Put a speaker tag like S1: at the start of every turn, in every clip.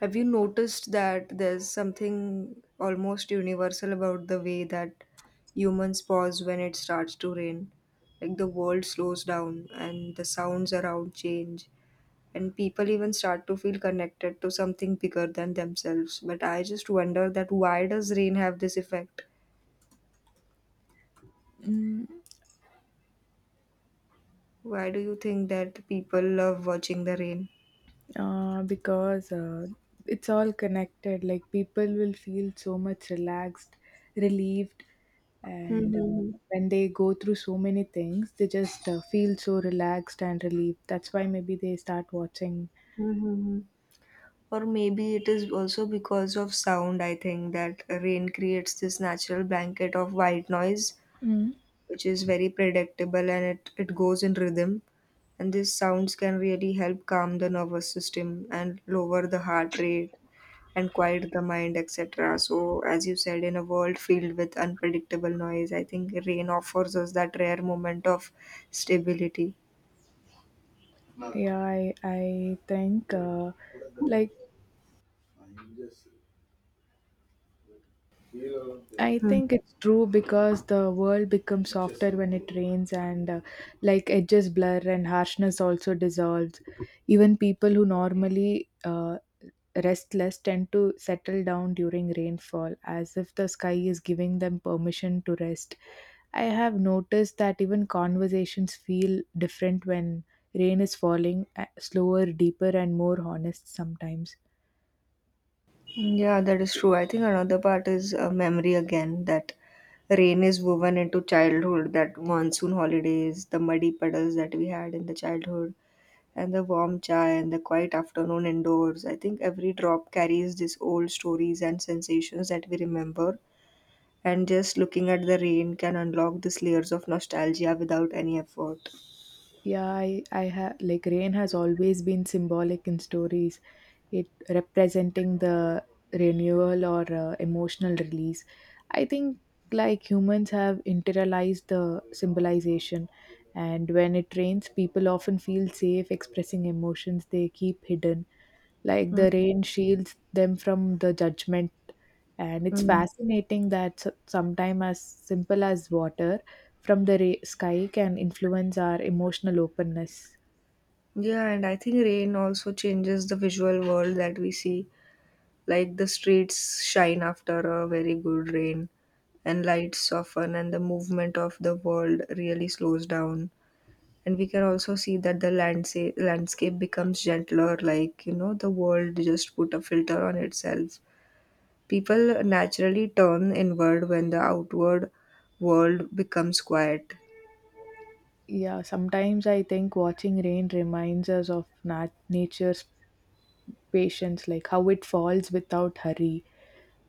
S1: Have you noticed that there's something almost universal about the way that humans pause when it starts to rain? Like the world slows down and the sounds around change, and people even start to feel connected to something bigger than themselves. But I just wonder that why does rain have this effect?
S2: Mm,
S1: Why do you think that people love watching the rain?
S2: because it's all connected. Like people will feel so much relaxed, relieved, and
S1: Mm-hmm.
S2: when they go through so many things, they just feel so relaxed and relieved. That's why maybe they start watching.
S1: Or maybe it is also because of sound, I think, that rain creates this natural blanket of white noise,
S2: Mm.
S1: which is very predictable and it goes in rhythm. And these sounds can really help calm the nervous system and lower the heart rate and quiet the mind, etc. So, as you said, in a world filled with unpredictable noise, I think rain offers us that rare moment of stability.
S2: Yeah, I think like I
S1: Hmm.
S2: think it's true because the world becomes softer when it rains and like edges blur and harshness also dissolves. Even people who normally restless tend to settle down during rainfall as if the sky is giving them permission to rest. I have noticed that even conversations feel different when rain is falling, slower, deeper and more honest sometimes.
S1: Yeah, that is true. I think another part is memory again, that rain is woven into childhood, that monsoon holidays, the muddy puddles that we had in the childhood, and the warm chai and the quiet afternoon indoors. I think every drop carries these old stories and sensations that we remember, and just looking at the rain can unlock these layers of nostalgia without any effort.
S2: Yeah, I have like rain has always been symbolic in stories, it representing the renewal or emotional release. I think humans have internalized the symbolization, and when it rains, people often feel safe expressing emotions they keep hidden. Like
S1: Mm,
S2: the rain shields them from the judgment, and it's
S1: mm.
S2: fascinating that sometimes as simple as water from the sky can influence our emotional openness.
S1: Yeah, and I think rain also changes the visual world that we see. Like the streets shine after a very good rain, and lights soften, and the movement of the world really slows down. And we can also see that the landscape becomes gentler, like, you know, the world just put a filter on itself. People naturally turn inward when the outward world becomes quiet.
S2: Yeah, sometimes I think watching rain reminds us of nature's patience, like how it falls without hurry,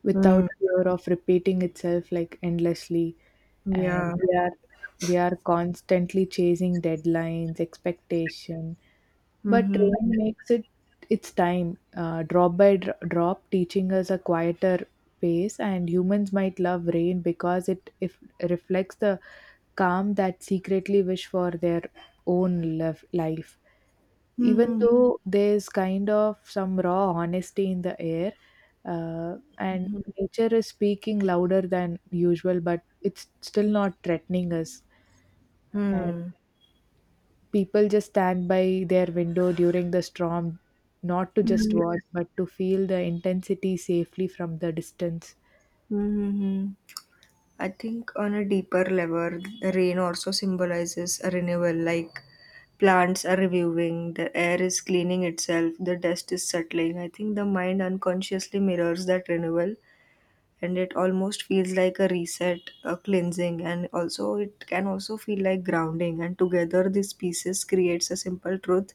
S2: without
S1: Mm.
S2: fear of repeating itself like endlessly. And
S1: Yeah.
S2: we are constantly chasing deadlines, expectation. But
S1: Mm-hmm.
S2: rain makes it its time, drop by drop, teaching us a quieter pace. And humans might love rain because it if reflects the calm that secretly wish for their own life. Even
S1: Mm-hmm.
S2: though there's kind of some raw honesty in the air, and nature is speaking louder than usual, but it's still not threatening us.
S1: Mm-hmm.
S2: People just stand by their window during the storm, not to just
S1: Hmm.
S2: watch, but to feel the intensity safely from the distance.
S1: Hmm. I think on a deeper level, rain also symbolizes a renewal, like plants are reviving, the air is cleaning itself, the dust is settling. I think the mind unconsciously mirrors that renewal and it almost feels like a reset, a cleansing, and also it can also feel like grounding. And together, these pieces creates a simple truth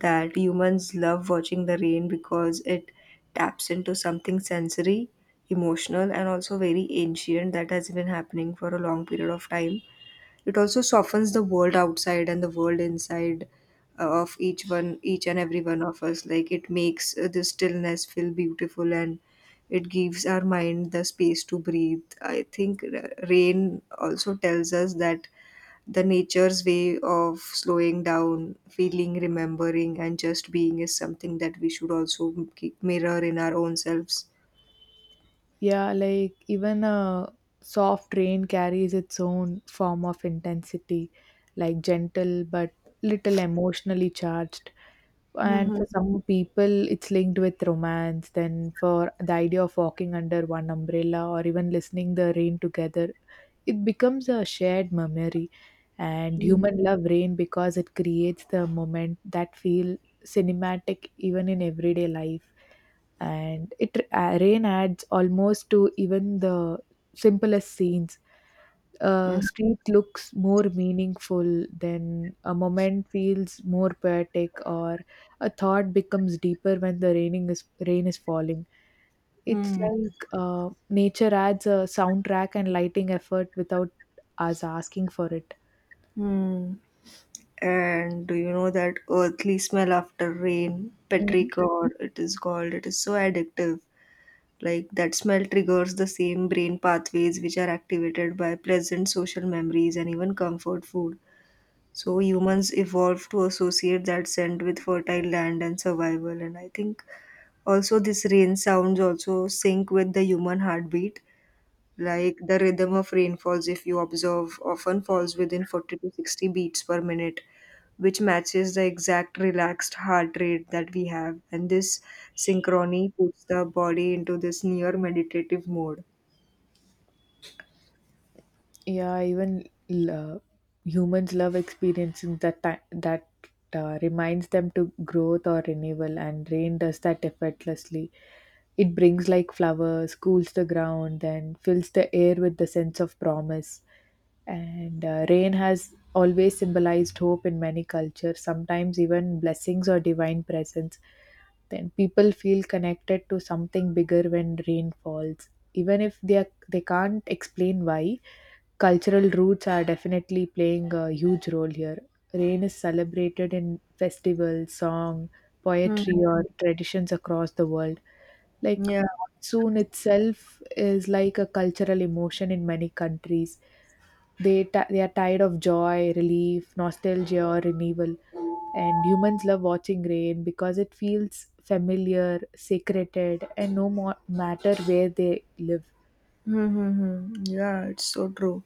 S1: that humans love watching the rain because it taps into something sensory, emotional, and also very ancient that has been happening for a long period of time. It also softens the world outside and the world inside of each one, each and every one of us. Like it makes the stillness feel beautiful and it gives our mind the space to breathe. I think rain also tells us that the nature's way of slowing down, feeling, remembering, and just being is something that we should also mirror in our own selves.
S2: Yeah, like even a soft rain carries its own form of intensity, like gentle but little emotionally charged. And
S1: Mm-hmm.
S2: for some people, it's linked with romance. Then for the idea of walking under one umbrella or even listening the rain together, it becomes a shared memory. And
S1: Hmm.
S2: human love rain because it creates the moment that feel cinematic even in everyday life, and it rain adds almost to even the simplest scenes. A street looks more meaningful, then a moment feels more poetic, or a thought becomes deeper when the rain is falling. It's like nature adds a soundtrack and lighting effort without us asking for it.
S1: And do you know that earthly smell after rain, petrichor, it is called? It is so addictive. Like that smell triggers the same brain pathways which are activated by pleasant social memories and even comfort food. So humans evolved to associate that scent with fertile land and survival. And I think also this rain sounds also sync with the human heartbeat. Like the rhythm of rainfalls, if you observe, often falls within 40 to 60 beats per minute, which matches the exact relaxed heart rate that we have. And this synchrony puts the body into this near meditative mode.
S2: Yeah, even lo- humans love experiencing that reminds them to growth or renewal, and rain does that effortlessly. It brings like flowers, cools the ground, and fills the air with the sense of promise. And Rain has always symbolized hope in many cultures, sometimes even blessings or divine presence. Then people feel connected to something bigger when rain falls, even if they can't explain why. Cultural roots are definitely playing a huge role here. Rain is celebrated in festivals, song, poetry,
S1: Hmm.
S2: or traditions across the world. Like
S1: Yeah.
S2: monsoon itself is like a cultural emotion in many countries. They are tired of joy, relief, nostalgia, or renewal, and humans love watching rain because it feels familiar, sacred, and no more matter where they live.
S1: Mm-hmm. Yeah, it's so true.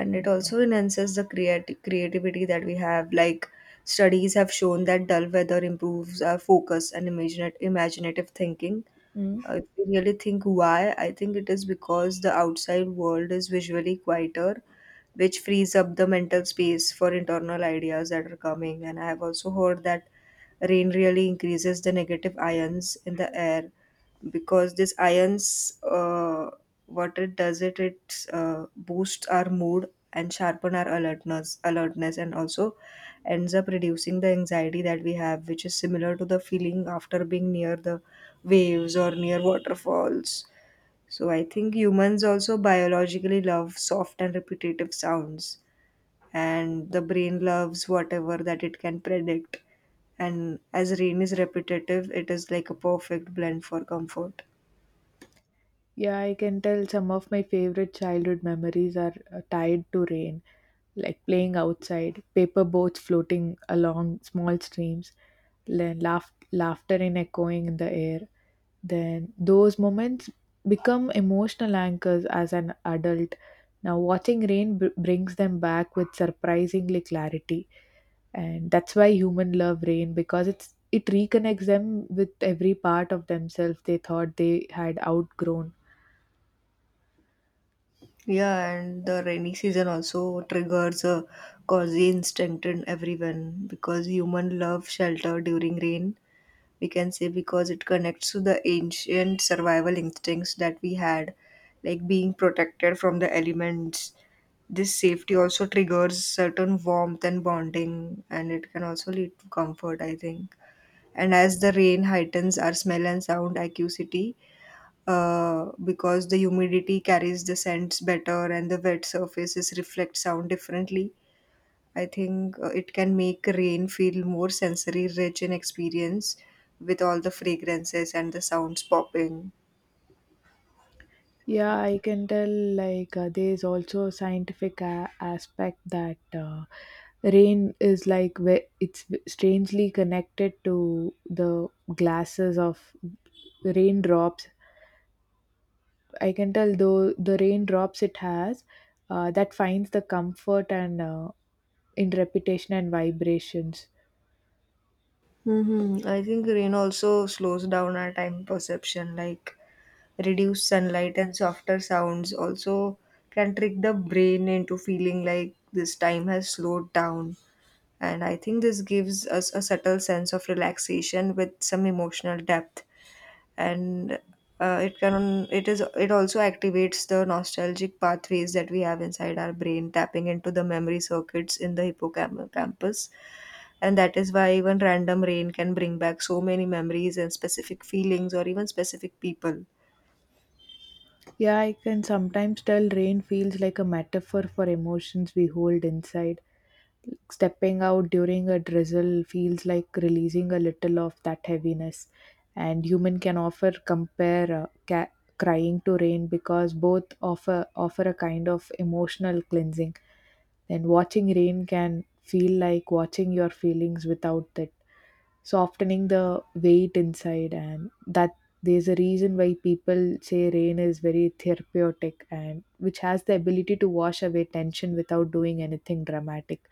S1: And it also enhances the creativity that we have. Like studies have shown that dull weather improves our focus and imaginative thinking.
S2: Mm.
S1: If we really think why, I think it is because the outside world is visually quieter, which frees up the mental space for internal ideas that are coming. And I have also heard that rain really increases the negative ions in the air, because this ions, what it does, it boosts our mood and sharpen our alertness and also ends up reducing the anxiety that we have, which is similar to the feeling after being near the waves or near waterfalls. So I think humans also biologically love soft and repetitive sounds, and the brain loves whatever that it can predict, and as rain is repetitive, it is like a perfect blend for comfort.
S2: Yeah, I can tell some of my favorite childhood memories are tied to rain, like playing outside, paper boats floating along small streams, then laughter in echoing in the air. Then those moments become emotional anchors as an adult. Now, watching rain brings them back with surprisingly clarity, and that's why human love rain because it reconnects them with every part of themselves they thought they had outgrown.
S1: Yeah, and the rainy season also triggers a cozy instinct in everyone, because human love shelter during rain. We can say because it connects to the ancient survival instincts that we had, like being protected from the elements. This safety also triggers certain warmth and bonding, and it can also lead to comfort, I think. And as the rain heightens our smell and sound acuity, because the humidity carries the scents better and the wet surfaces reflect sound differently. I think it can make rain feel more sensory rich in experience with all the fragrances and the sounds popping.
S2: Yeah, I can tell like there's also a scientific aspect that rain is like it's strangely connected to the glasses of raindrops. I can tell though the raindrops it has that finds the comfort and in reputation and vibrations.
S1: Mm-hmm. I think rain also slows down our time perception, like reduced sunlight and softer sounds also can trick the brain into feeling like this time has slowed down. And I think this gives us a subtle sense of relaxation with some emotional depth. And it can, it also activates the nostalgic pathways that we have inside our brain, tapping into the memory circuits in the hippocampus. And that is why even random rain can bring back so many memories and specific feelings or even specific people.
S2: Yeah, I can sometimes tell rain feels like a metaphor for emotions we hold inside. Stepping out during a drizzle feels like releasing a little of that heaviness. And human can offer compare crying to rain because both offer a kind of emotional cleansing. Then watching rain can feel like watching your feelings without it, softening the weight inside, and that there's a reason why people say rain is very therapeutic and which has the ability to wash away tension without doing anything dramatic.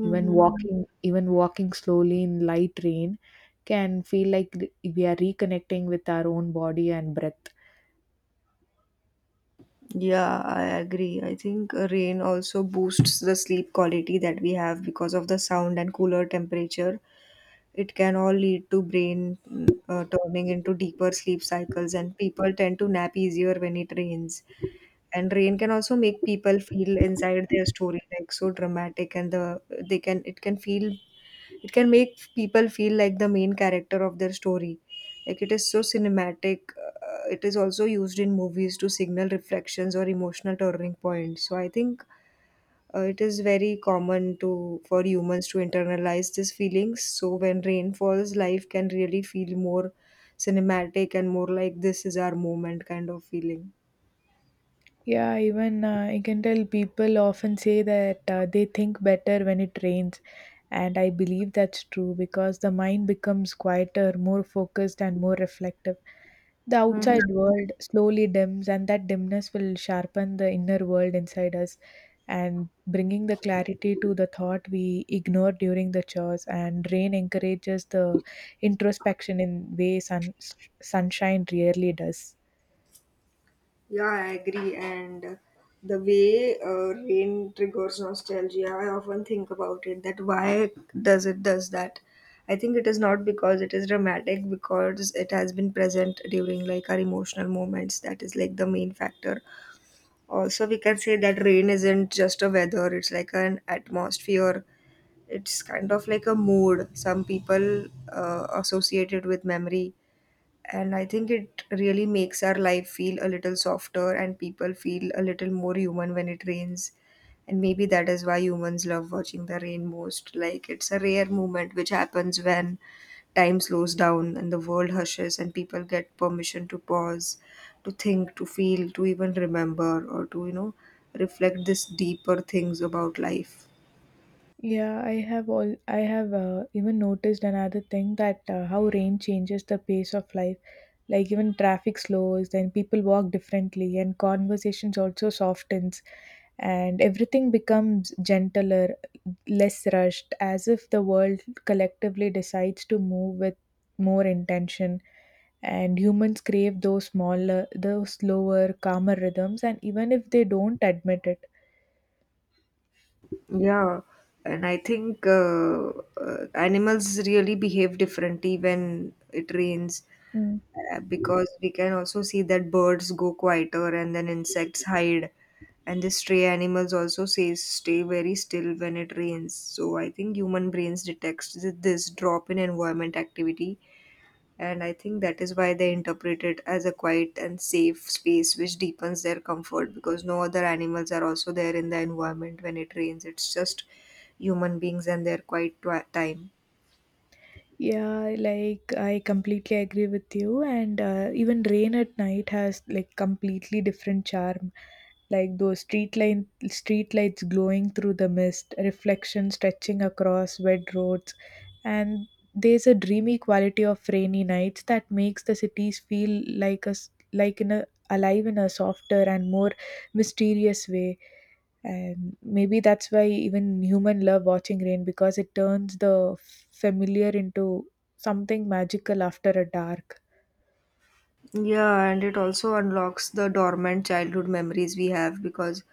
S2: even walking even walking slowly in light rain can feel like we are reconnecting with our own body and breath.
S1: Yeah, I agree. I think rain also boosts the sleep quality that we have because of the sound and cooler temperature. It can all lead to brain turning into deeper sleep cycles, and people tend to nap easier when it rains. And rain can also make people feel inside their story like so dramatic, and the they can it can feel, it can make people feel like the main character of their story. Like it is so cinematic. It is also used in movies to signal reflections or emotional turning points. So I think it is very common to for humans to internalize these feelings. So when rain falls, life can really feel more cinematic and more like this is our moment kind of feeling.
S2: Yeah, even I can tell people often say that they think better when it rains. And I believe that's true because the mind becomes quieter, more focused, and more reflective. The
S1: Mhm.
S2: outside world slowly dims, and that dimness will sharpen the inner world inside us, and bringing the clarity to the thought we ignore during the chores. And rain encourages the introspection in ways sunshine rarely does.
S1: Yeah, I agree. And the way rain triggers nostalgia, I often think about it that why does that? I think it is not because it is dramatic, because it has been present during like our emotional moments. That is like the main factor. Also, we can say that rain isn't just a weather, it's like an atmosphere. It's kind of like a mood. Some people associate it with memory, and I think it really makes our life feel a little softer and people feel a little more human when it rains. And maybe that is why humans love watching the rain most, like it's a rare moment which happens when time slows down and the world hushes and people get permission to pause, to think, to feel, to even remember, or to, reflect this deeper things about life.
S2: Yeah, I have even noticed another thing, that how rain changes the pace of life, like even traffic slows, then people walk differently, and conversations also softens, and everything becomes gentler, less rushed, as if the world collectively decides to move with more intention. And humans crave those smaller, those slower, calmer rhythms, and even if they don't admit it.
S1: Yeah, and I think animals really behave differently when it rains, because we can also see that birds go quieter, and then insects hide, and the stray animals also say stay very still when it rains. So I think human brains detects this drop in environment activity, and I think that is why they interpret it as a quiet and safe space, which deepens their comfort, because no other animals are also there in the environment when it rains. It's just human beings and their quiet time.
S2: Yeah, like I completely agree with you. And even rain at night has like completely different charm. Like those street lights glowing through the mist, reflection stretching across wet roads, and there's a dreamy quality of rainy nights that makes the cities feel like us, like in a alive in a softer and more mysterious way. And maybe that's why even human love watching rain because it turns the familiar into something magical after a dark.
S1: Yeah, and it also unlocks the dormant childhood memories we have, because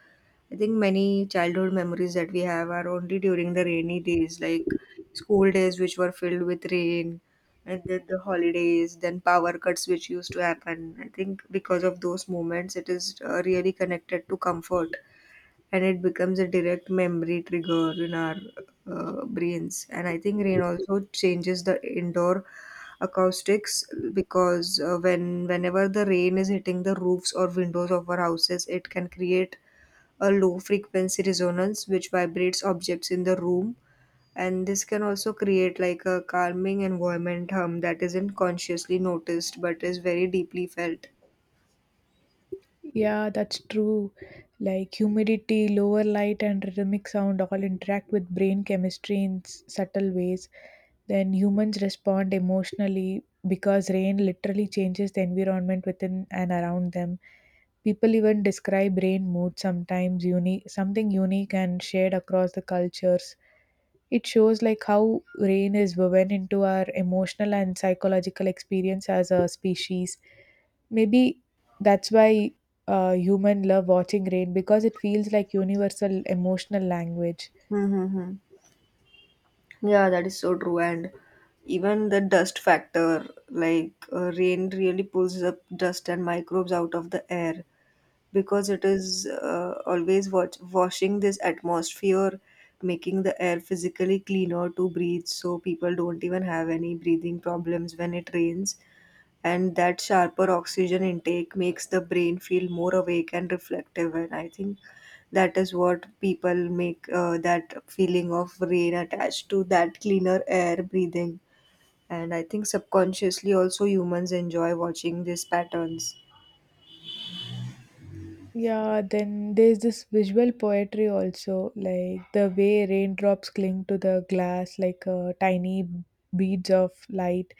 S1: I think many childhood memories that we have are only during the rainy days, like school days, which were filled with rain, and then the holidays, then power cuts, which used to happen. I think because of those moments, it is really connected to comfort, and it becomes a direct memory trigger in our brains. And I think rain also changes the indoor acoustics, because whenever the rain is hitting the roofs or windows of our houses, it can create a low frequency resonance which vibrates objects in the room, and this can also create like a calming environment hum that isn't consciously noticed but is very deeply felt.
S2: Yeah, that's true. Like humidity, lower light, and rhythmic sound all interact with brain chemistry in subtle ways. Then humans respond emotionally because rain literally changes the environment within and around them. People even describe rain mood sometimes unique, something unique and shared across the cultures. It shows like how rain is woven into our emotional and psychological experience as a species. Maybe that's why human love watching rain because it feels like universal emotional language.
S1: Mm-hmm. Yeah, that is so true. And even the dust factor, like rain really pulls up dust and microbes out of the air, because it is always washing this atmosphere, making the air physically cleaner to breathe. So people don't even have any breathing problems when it rains, and that sharper oxygen intake makes the brain feel more awake and reflective. And I think that is what people make, that feeling of rain attached to that cleaner air breathing. And I think subconsciously also humans enjoy watching these patterns.
S2: Yeah, then there's this visual poetry also, like the way raindrops cling to the glass like tiny beads of light,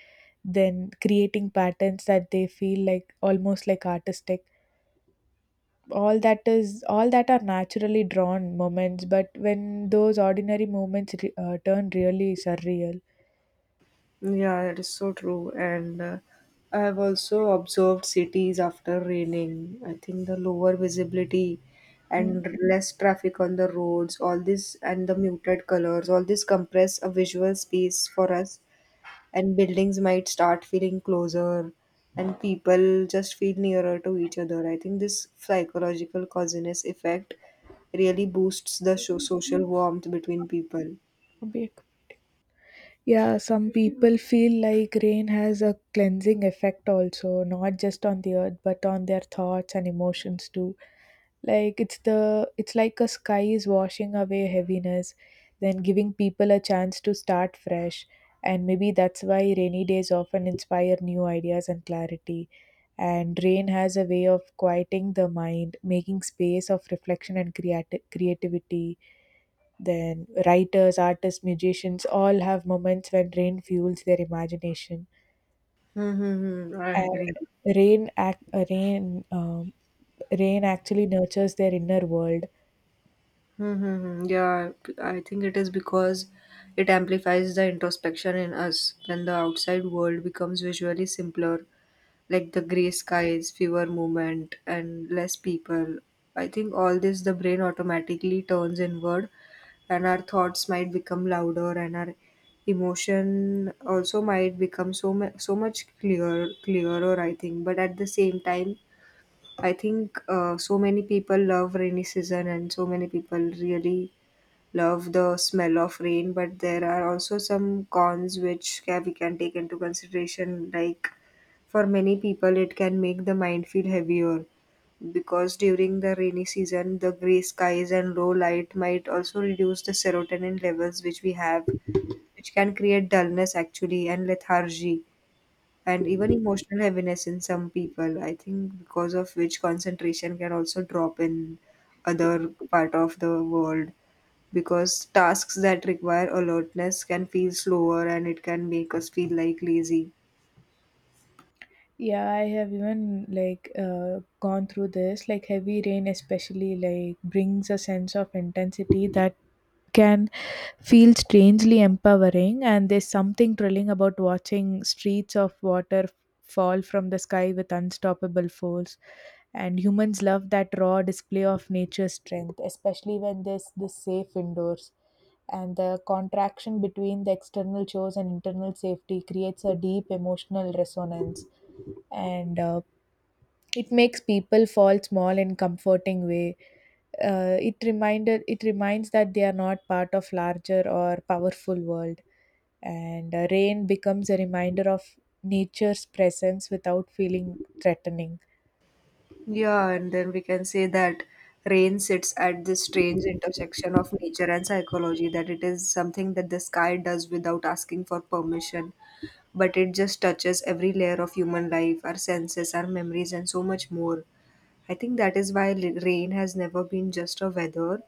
S2: then creating patterns that they feel like almost like artistic. All that is all that are naturally drawn moments, but when those ordinary moments turn really surreal.
S1: Yeah, that is so true. And I have also observed cities after raining. I think the lower visibility and less traffic on the roads, all this, and the muted colors, all this compress a visual space for us. And buildings might start feeling closer, and people just feel nearer to each other. I think this psychological causiness effect really boosts the social warmth between people.
S2: Mm. Yeah, some people feel like rain has a cleansing effect also, not just on the earth, but on their thoughts and emotions too. Like it's like a sky is washing away heaviness, then giving people a chance to start fresh. And maybe that's why rainy days often inspire new ideas and clarity. And rain has a way of quieting the mind, making space of reflection and creativity. Then writers, artists, musicians all have moments when rain fuels their imagination.
S1: Mm-hmm.
S2: And rain, act, uh, rain, um, rain actually nurtures their inner world.
S1: Mm-hmm. Yeah, I think it is because it amplifies the introspection in us when the outside world becomes visually simpler, like the gray skies, fewer movement, and less people. I think all this the brain automatically turns inward, and our thoughts might become louder, and our emotion also might become so much clearer. I think, but at the same time, I think so many people love rainy season, and so many people really love the smell of rain, but there are also some cons which we can take into consideration. Like for many people, it can make the mind feel heavier because during the rainy season, the gray skies and low light might also reduce the serotonin levels which we have, which can create dullness actually and lethargy and even emotional heaviness in some people. I think because of which concentration can also drop in other part of the world because tasks that require alertness can feel slower and it can make us feel like lazy.
S2: Yeah, I have even like gone through this. Like heavy rain, especially like brings a sense of intensity that can feel strangely empowering. And there's something thrilling about watching streets of water fall from the sky with unstoppable force. And humans love that raw display of nature's strength, especially when there's this safe indoors. And the contraction between the external chores and internal safety creates a deep emotional resonance, and it makes people fall small in comforting way. It reminds that they are not part of larger or powerful world, and rain becomes a reminder of nature's presence without feeling threatening.
S1: Yeah, and then we can say that rain sits at this strange intersection of nature and psychology, that it is something that the sky does without asking for permission, but it just touches every layer of human life, our senses, our memories, and so much more. I think that is why rain has never been just a weather.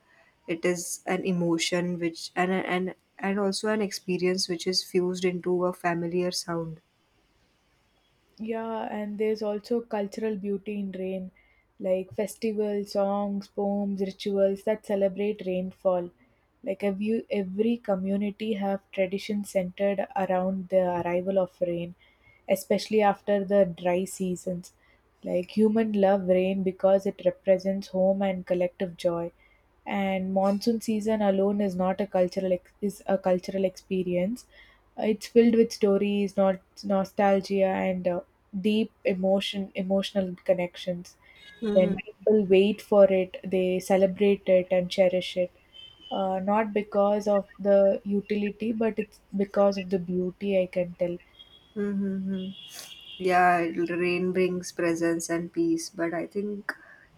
S1: It is an emotion which and also an experience which is fused into a familiar sound.
S2: Yeah, and there's also cultural beauty in rain, like festivals, songs, poems, rituals that celebrate rainfall. Like every community have traditions centered around the arrival of rain, especially after the dry seasons. Like human love rain because it represents home and collective joy. And monsoon season alone is not a cultural ex- is a cultural experience. It's filled with stories, not nostalgia, and deep emotional connections. Then people wait for it, they celebrate it and cherish it, not because of the utility, but it's because of the beauty, I can tell.
S1: Mm-hmm. Yeah, rain brings presence and peace, but I think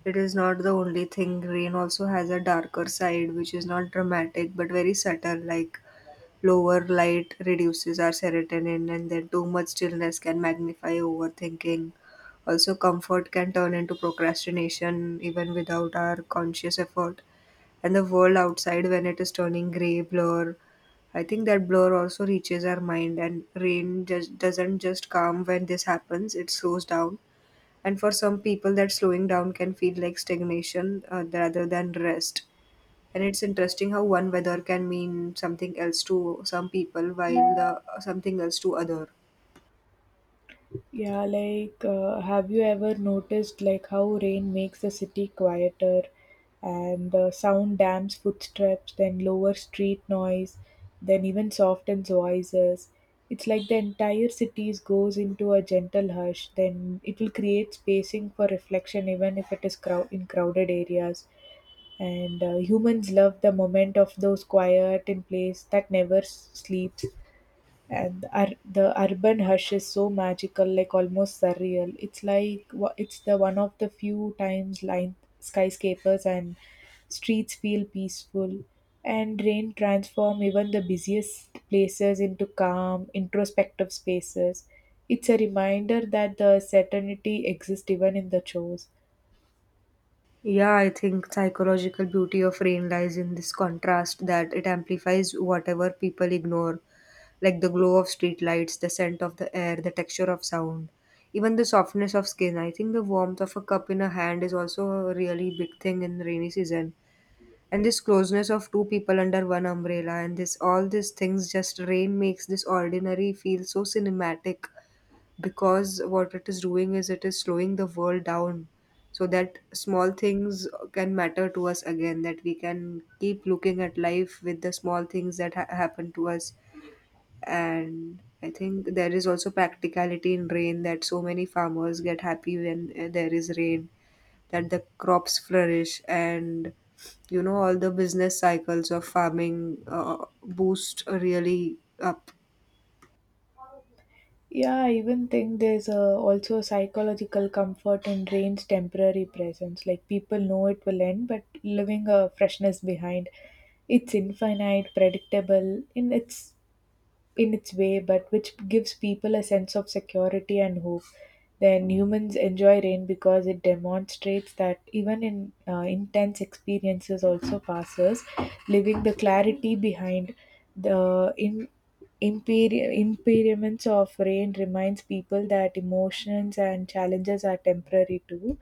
S1: it is not the only thing. Rain also has a darker side, which is not dramatic but very subtle, like lower light reduces our serotonin, and then too much stillness can magnify overthinking. Also, comfort can turn into procrastination even without our conscious effort. And the world outside, when it is turning gray, blur, I think that blur also reaches our mind, and rain just doesn't just come when this happens, it slows down. And for some people, that slowing down can feel like stagnation rather than rest. And it's interesting how one weather can mean something else to some people while the, something else to other.
S2: Yeah, like, have you ever noticed like how rain makes the city quieter, and the sound dams footsteps, then lower street noise, then even softens voices. It's like the entire city goes into a gentle hush. Then it will create spacing for reflection, even if it is in crowded areas. And humans love the moment of those quiet in place that never sleeps. And the urban hush is so magical, like almost surreal. It's like it's the one of the few times line skyscrapers and streets feel peaceful, and rain transform even the busiest places into calm introspective spaces. It's a reminder that the certainty exists even in the chores.
S1: Yeah, I think psychological beauty of rain lies in this contrast that it amplifies whatever people ignore, like the glow of street lights, the scent of the air, the texture of sound, even the softness of skin. I think the warmth of a cup in a hand is also a really big thing in rainy season and this closeness of two people under one umbrella and this all these things just rain makes this ordinary feel so cinematic because what it is doing is it is slowing the world down so that small things can matter to us again that we can keep looking at life with the small things that happen to us and I think there is also practicality in rain that so many farmers get happy when there is rain that the crops flourish and you know all the business cycles of farming boost really up.
S2: Yeah, I even think there's a, also a psychological comfort in rain's temporary presence. Like people know it will end, but leaving a freshness behind. It's infinite, predictable, in its way, but which gives people a sense of security and hope. Then humans enjoy rain because it demonstrates that even in intense experiences also passes, leaving the clarity behind. The impermanence of rain reminds people that emotions and challenges are temporary too.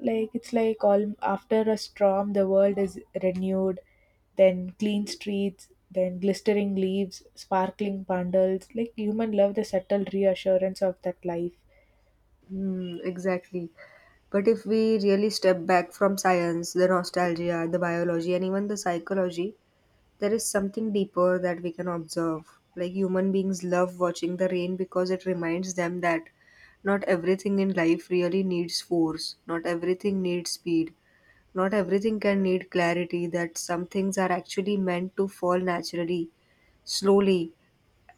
S2: Like it's like all after a storm the world is renewed, then clean streets, then glistering leaves, sparkling bundles. Like human love the subtle reassurance of that life.
S1: Mm, exactly. But if we really step back from science, the nostalgia, the biology, and even the psychology, there is something deeper that we can observe, like human beings love watching the rain because it reminds them that not everything in life really needs force, not everything needs speed. Not everything can need clarity, that some things are actually meant to fall naturally, slowly,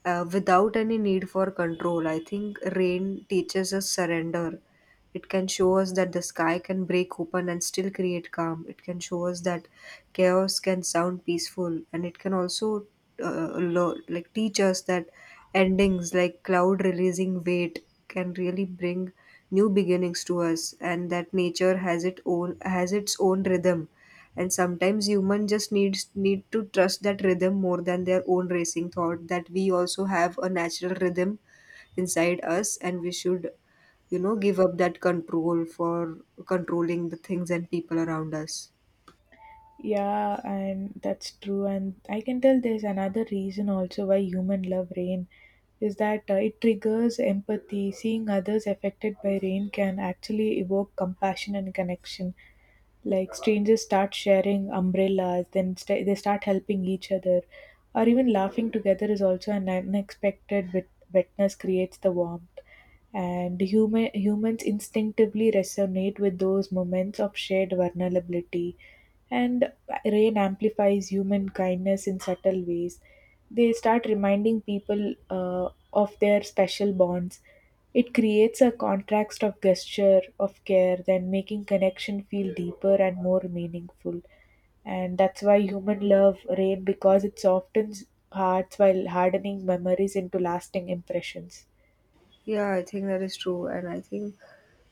S1: without any need for control. I think rain teaches us surrender. It can show us that the sky can break open and still create calm. It can show us that chaos can sound peaceful, and it can also like teach us that endings, like cloud releasing weight, can really bring new beginnings to us, and that nature has its own rhythm, and sometimes human just needs need to trust that rhythm more than their own racing thought, that we also have a natural rhythm inside us and we should, you know, give up that control for controlling the things and people around us.
S2: Yeah, and that's true. And I can tell there's another reason also why human love rain is that it triggers empathy. Seeing others affected by rain can actually evoke compassion and connection. Like strangers start sharing umbrellas, then they start helping each other, or even laughing together is also an unexpected witness creates the warmth. And humans instinctively resonate with those moments of shared vulnerability, and rain amplifies human kindness in subtle ways. They start reminding people of their special bonds. It creates a contrast of gesture, of care, then making connection feel deeper and more meaningful. And that's why human love rain because it softens hearts while hardening memories into lasting impressions.
S1: Yeah, I think that is true. And I think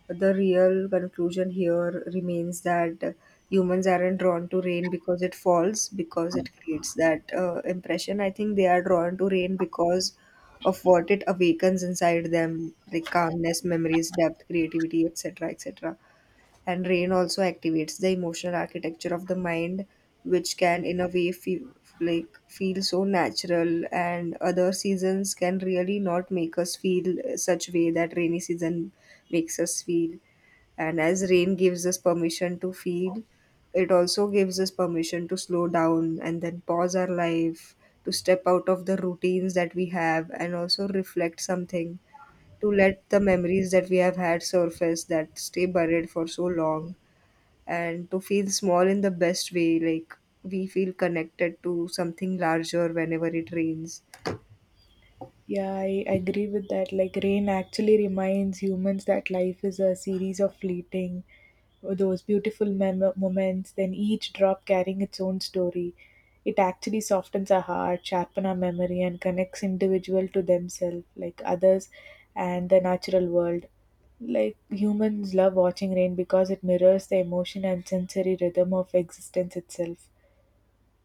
S1: the real conclusion here remains that humans aren't drawn to rain because it falls, because it creates that impression. I think they are drawn to rain because of what it awakens inside them, like calmness, memories, depth, creativity, etc., etc. And rain also activates the emotional architecture of the mind, which can, in a way, feel feel so natural. And other seasons can really not make us feel such way that rainy season makes us feel. And as rain gives us permission to feel, it also gives us permission to slow down and then pause our life, to step out of the routines that we have, and also reflect something, to let the memories that we have had surface that stay buried for so long, and to feel small in the best way, like we feel connected to something larger whenever it rains.
S2: Yeah, I agree with that. Like, rain actually reminds humans that life is a series of fleeting, those beautiful moments, then each drop carrying its own story. It actually softens our heart, sharpens our memory, and connects individual to themselves, like others, and the natural world. Like, humans love watching rain because it mirrors the emotion and sensory rhythm of existence itself,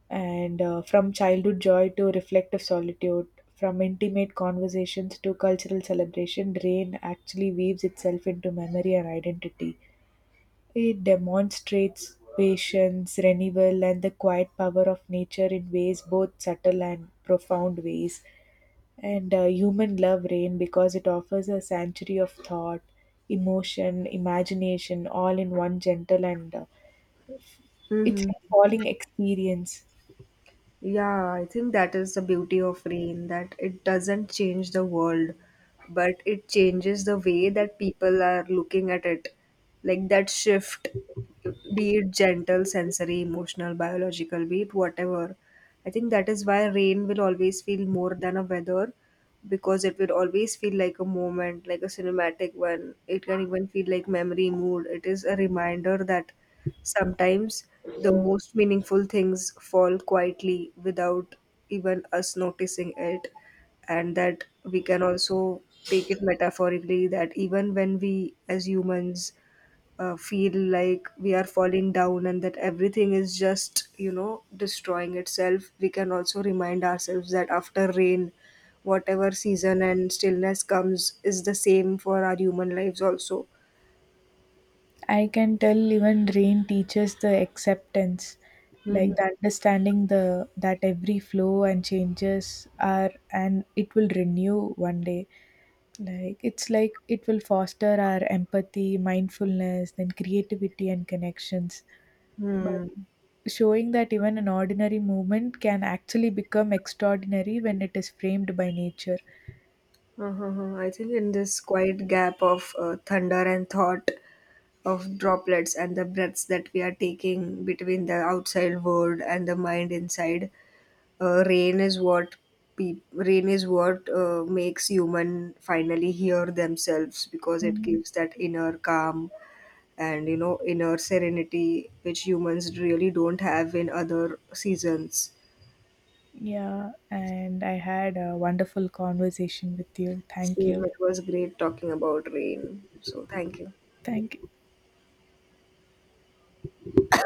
S2: and from childhood joy to reflective solitude, from intimate conversations to cultural celebration, rain actually weaves itself into memory and identity. It demonstrates patience, renewal, and the quiet power of nature in ways both subtle and profound ways. And human love rain because it offers a sanctuary of thought, emotion, imagination, all in one gentle and it's like
S1: Mm-hmm.
S2: falling experience.
S1: Yeah, I think that is the beauty of rain, that it doesn't change the world, but it changes the way that people are looking at it. Like that shift, be it gentle, sensory, emotional, biological, be it whatever. I think that is why rain will always feel more than a weather because it will always feel like a moment, like a cinematic one. It can even feel like memory, mood. It is a reminder that sometimes the most meaningful things fall quietly without even us noticing it, and that we can also take it metaphorically that even when we as humans feel like we are falling down and that everything is just, you know, destroying itself, we can also remind ourselves that after rain, whatever season and stillness comes is the same for our human lives also.
S2: I can tell even rain teaches the acceptance, like the understanding the that every flow and changes are and it will renew one day. Like it's like it will foster our empathy, mindfulness, then creativity and connections. But
S1: Hmm.
S2: showing that even an ordinary movement can actually become extraordinary when it is framed by nature.
S1: Uh-huh. I think in this quiet gap of thunder and thought, of droplets and the breaths that we are taking between the outside world and the mind inside, rain is what peop rain is what makes human finally hear themselves because it
S2: Mm,
S1: gives that inner calm and you know inner serenity which humans really don't have in other seasons.
S2: Yeah, and I had a wonderful conversation with you. Thank
S1: Same,
S2: you.
S1: it was great talking about rain. So thank you.
S2: Thank you.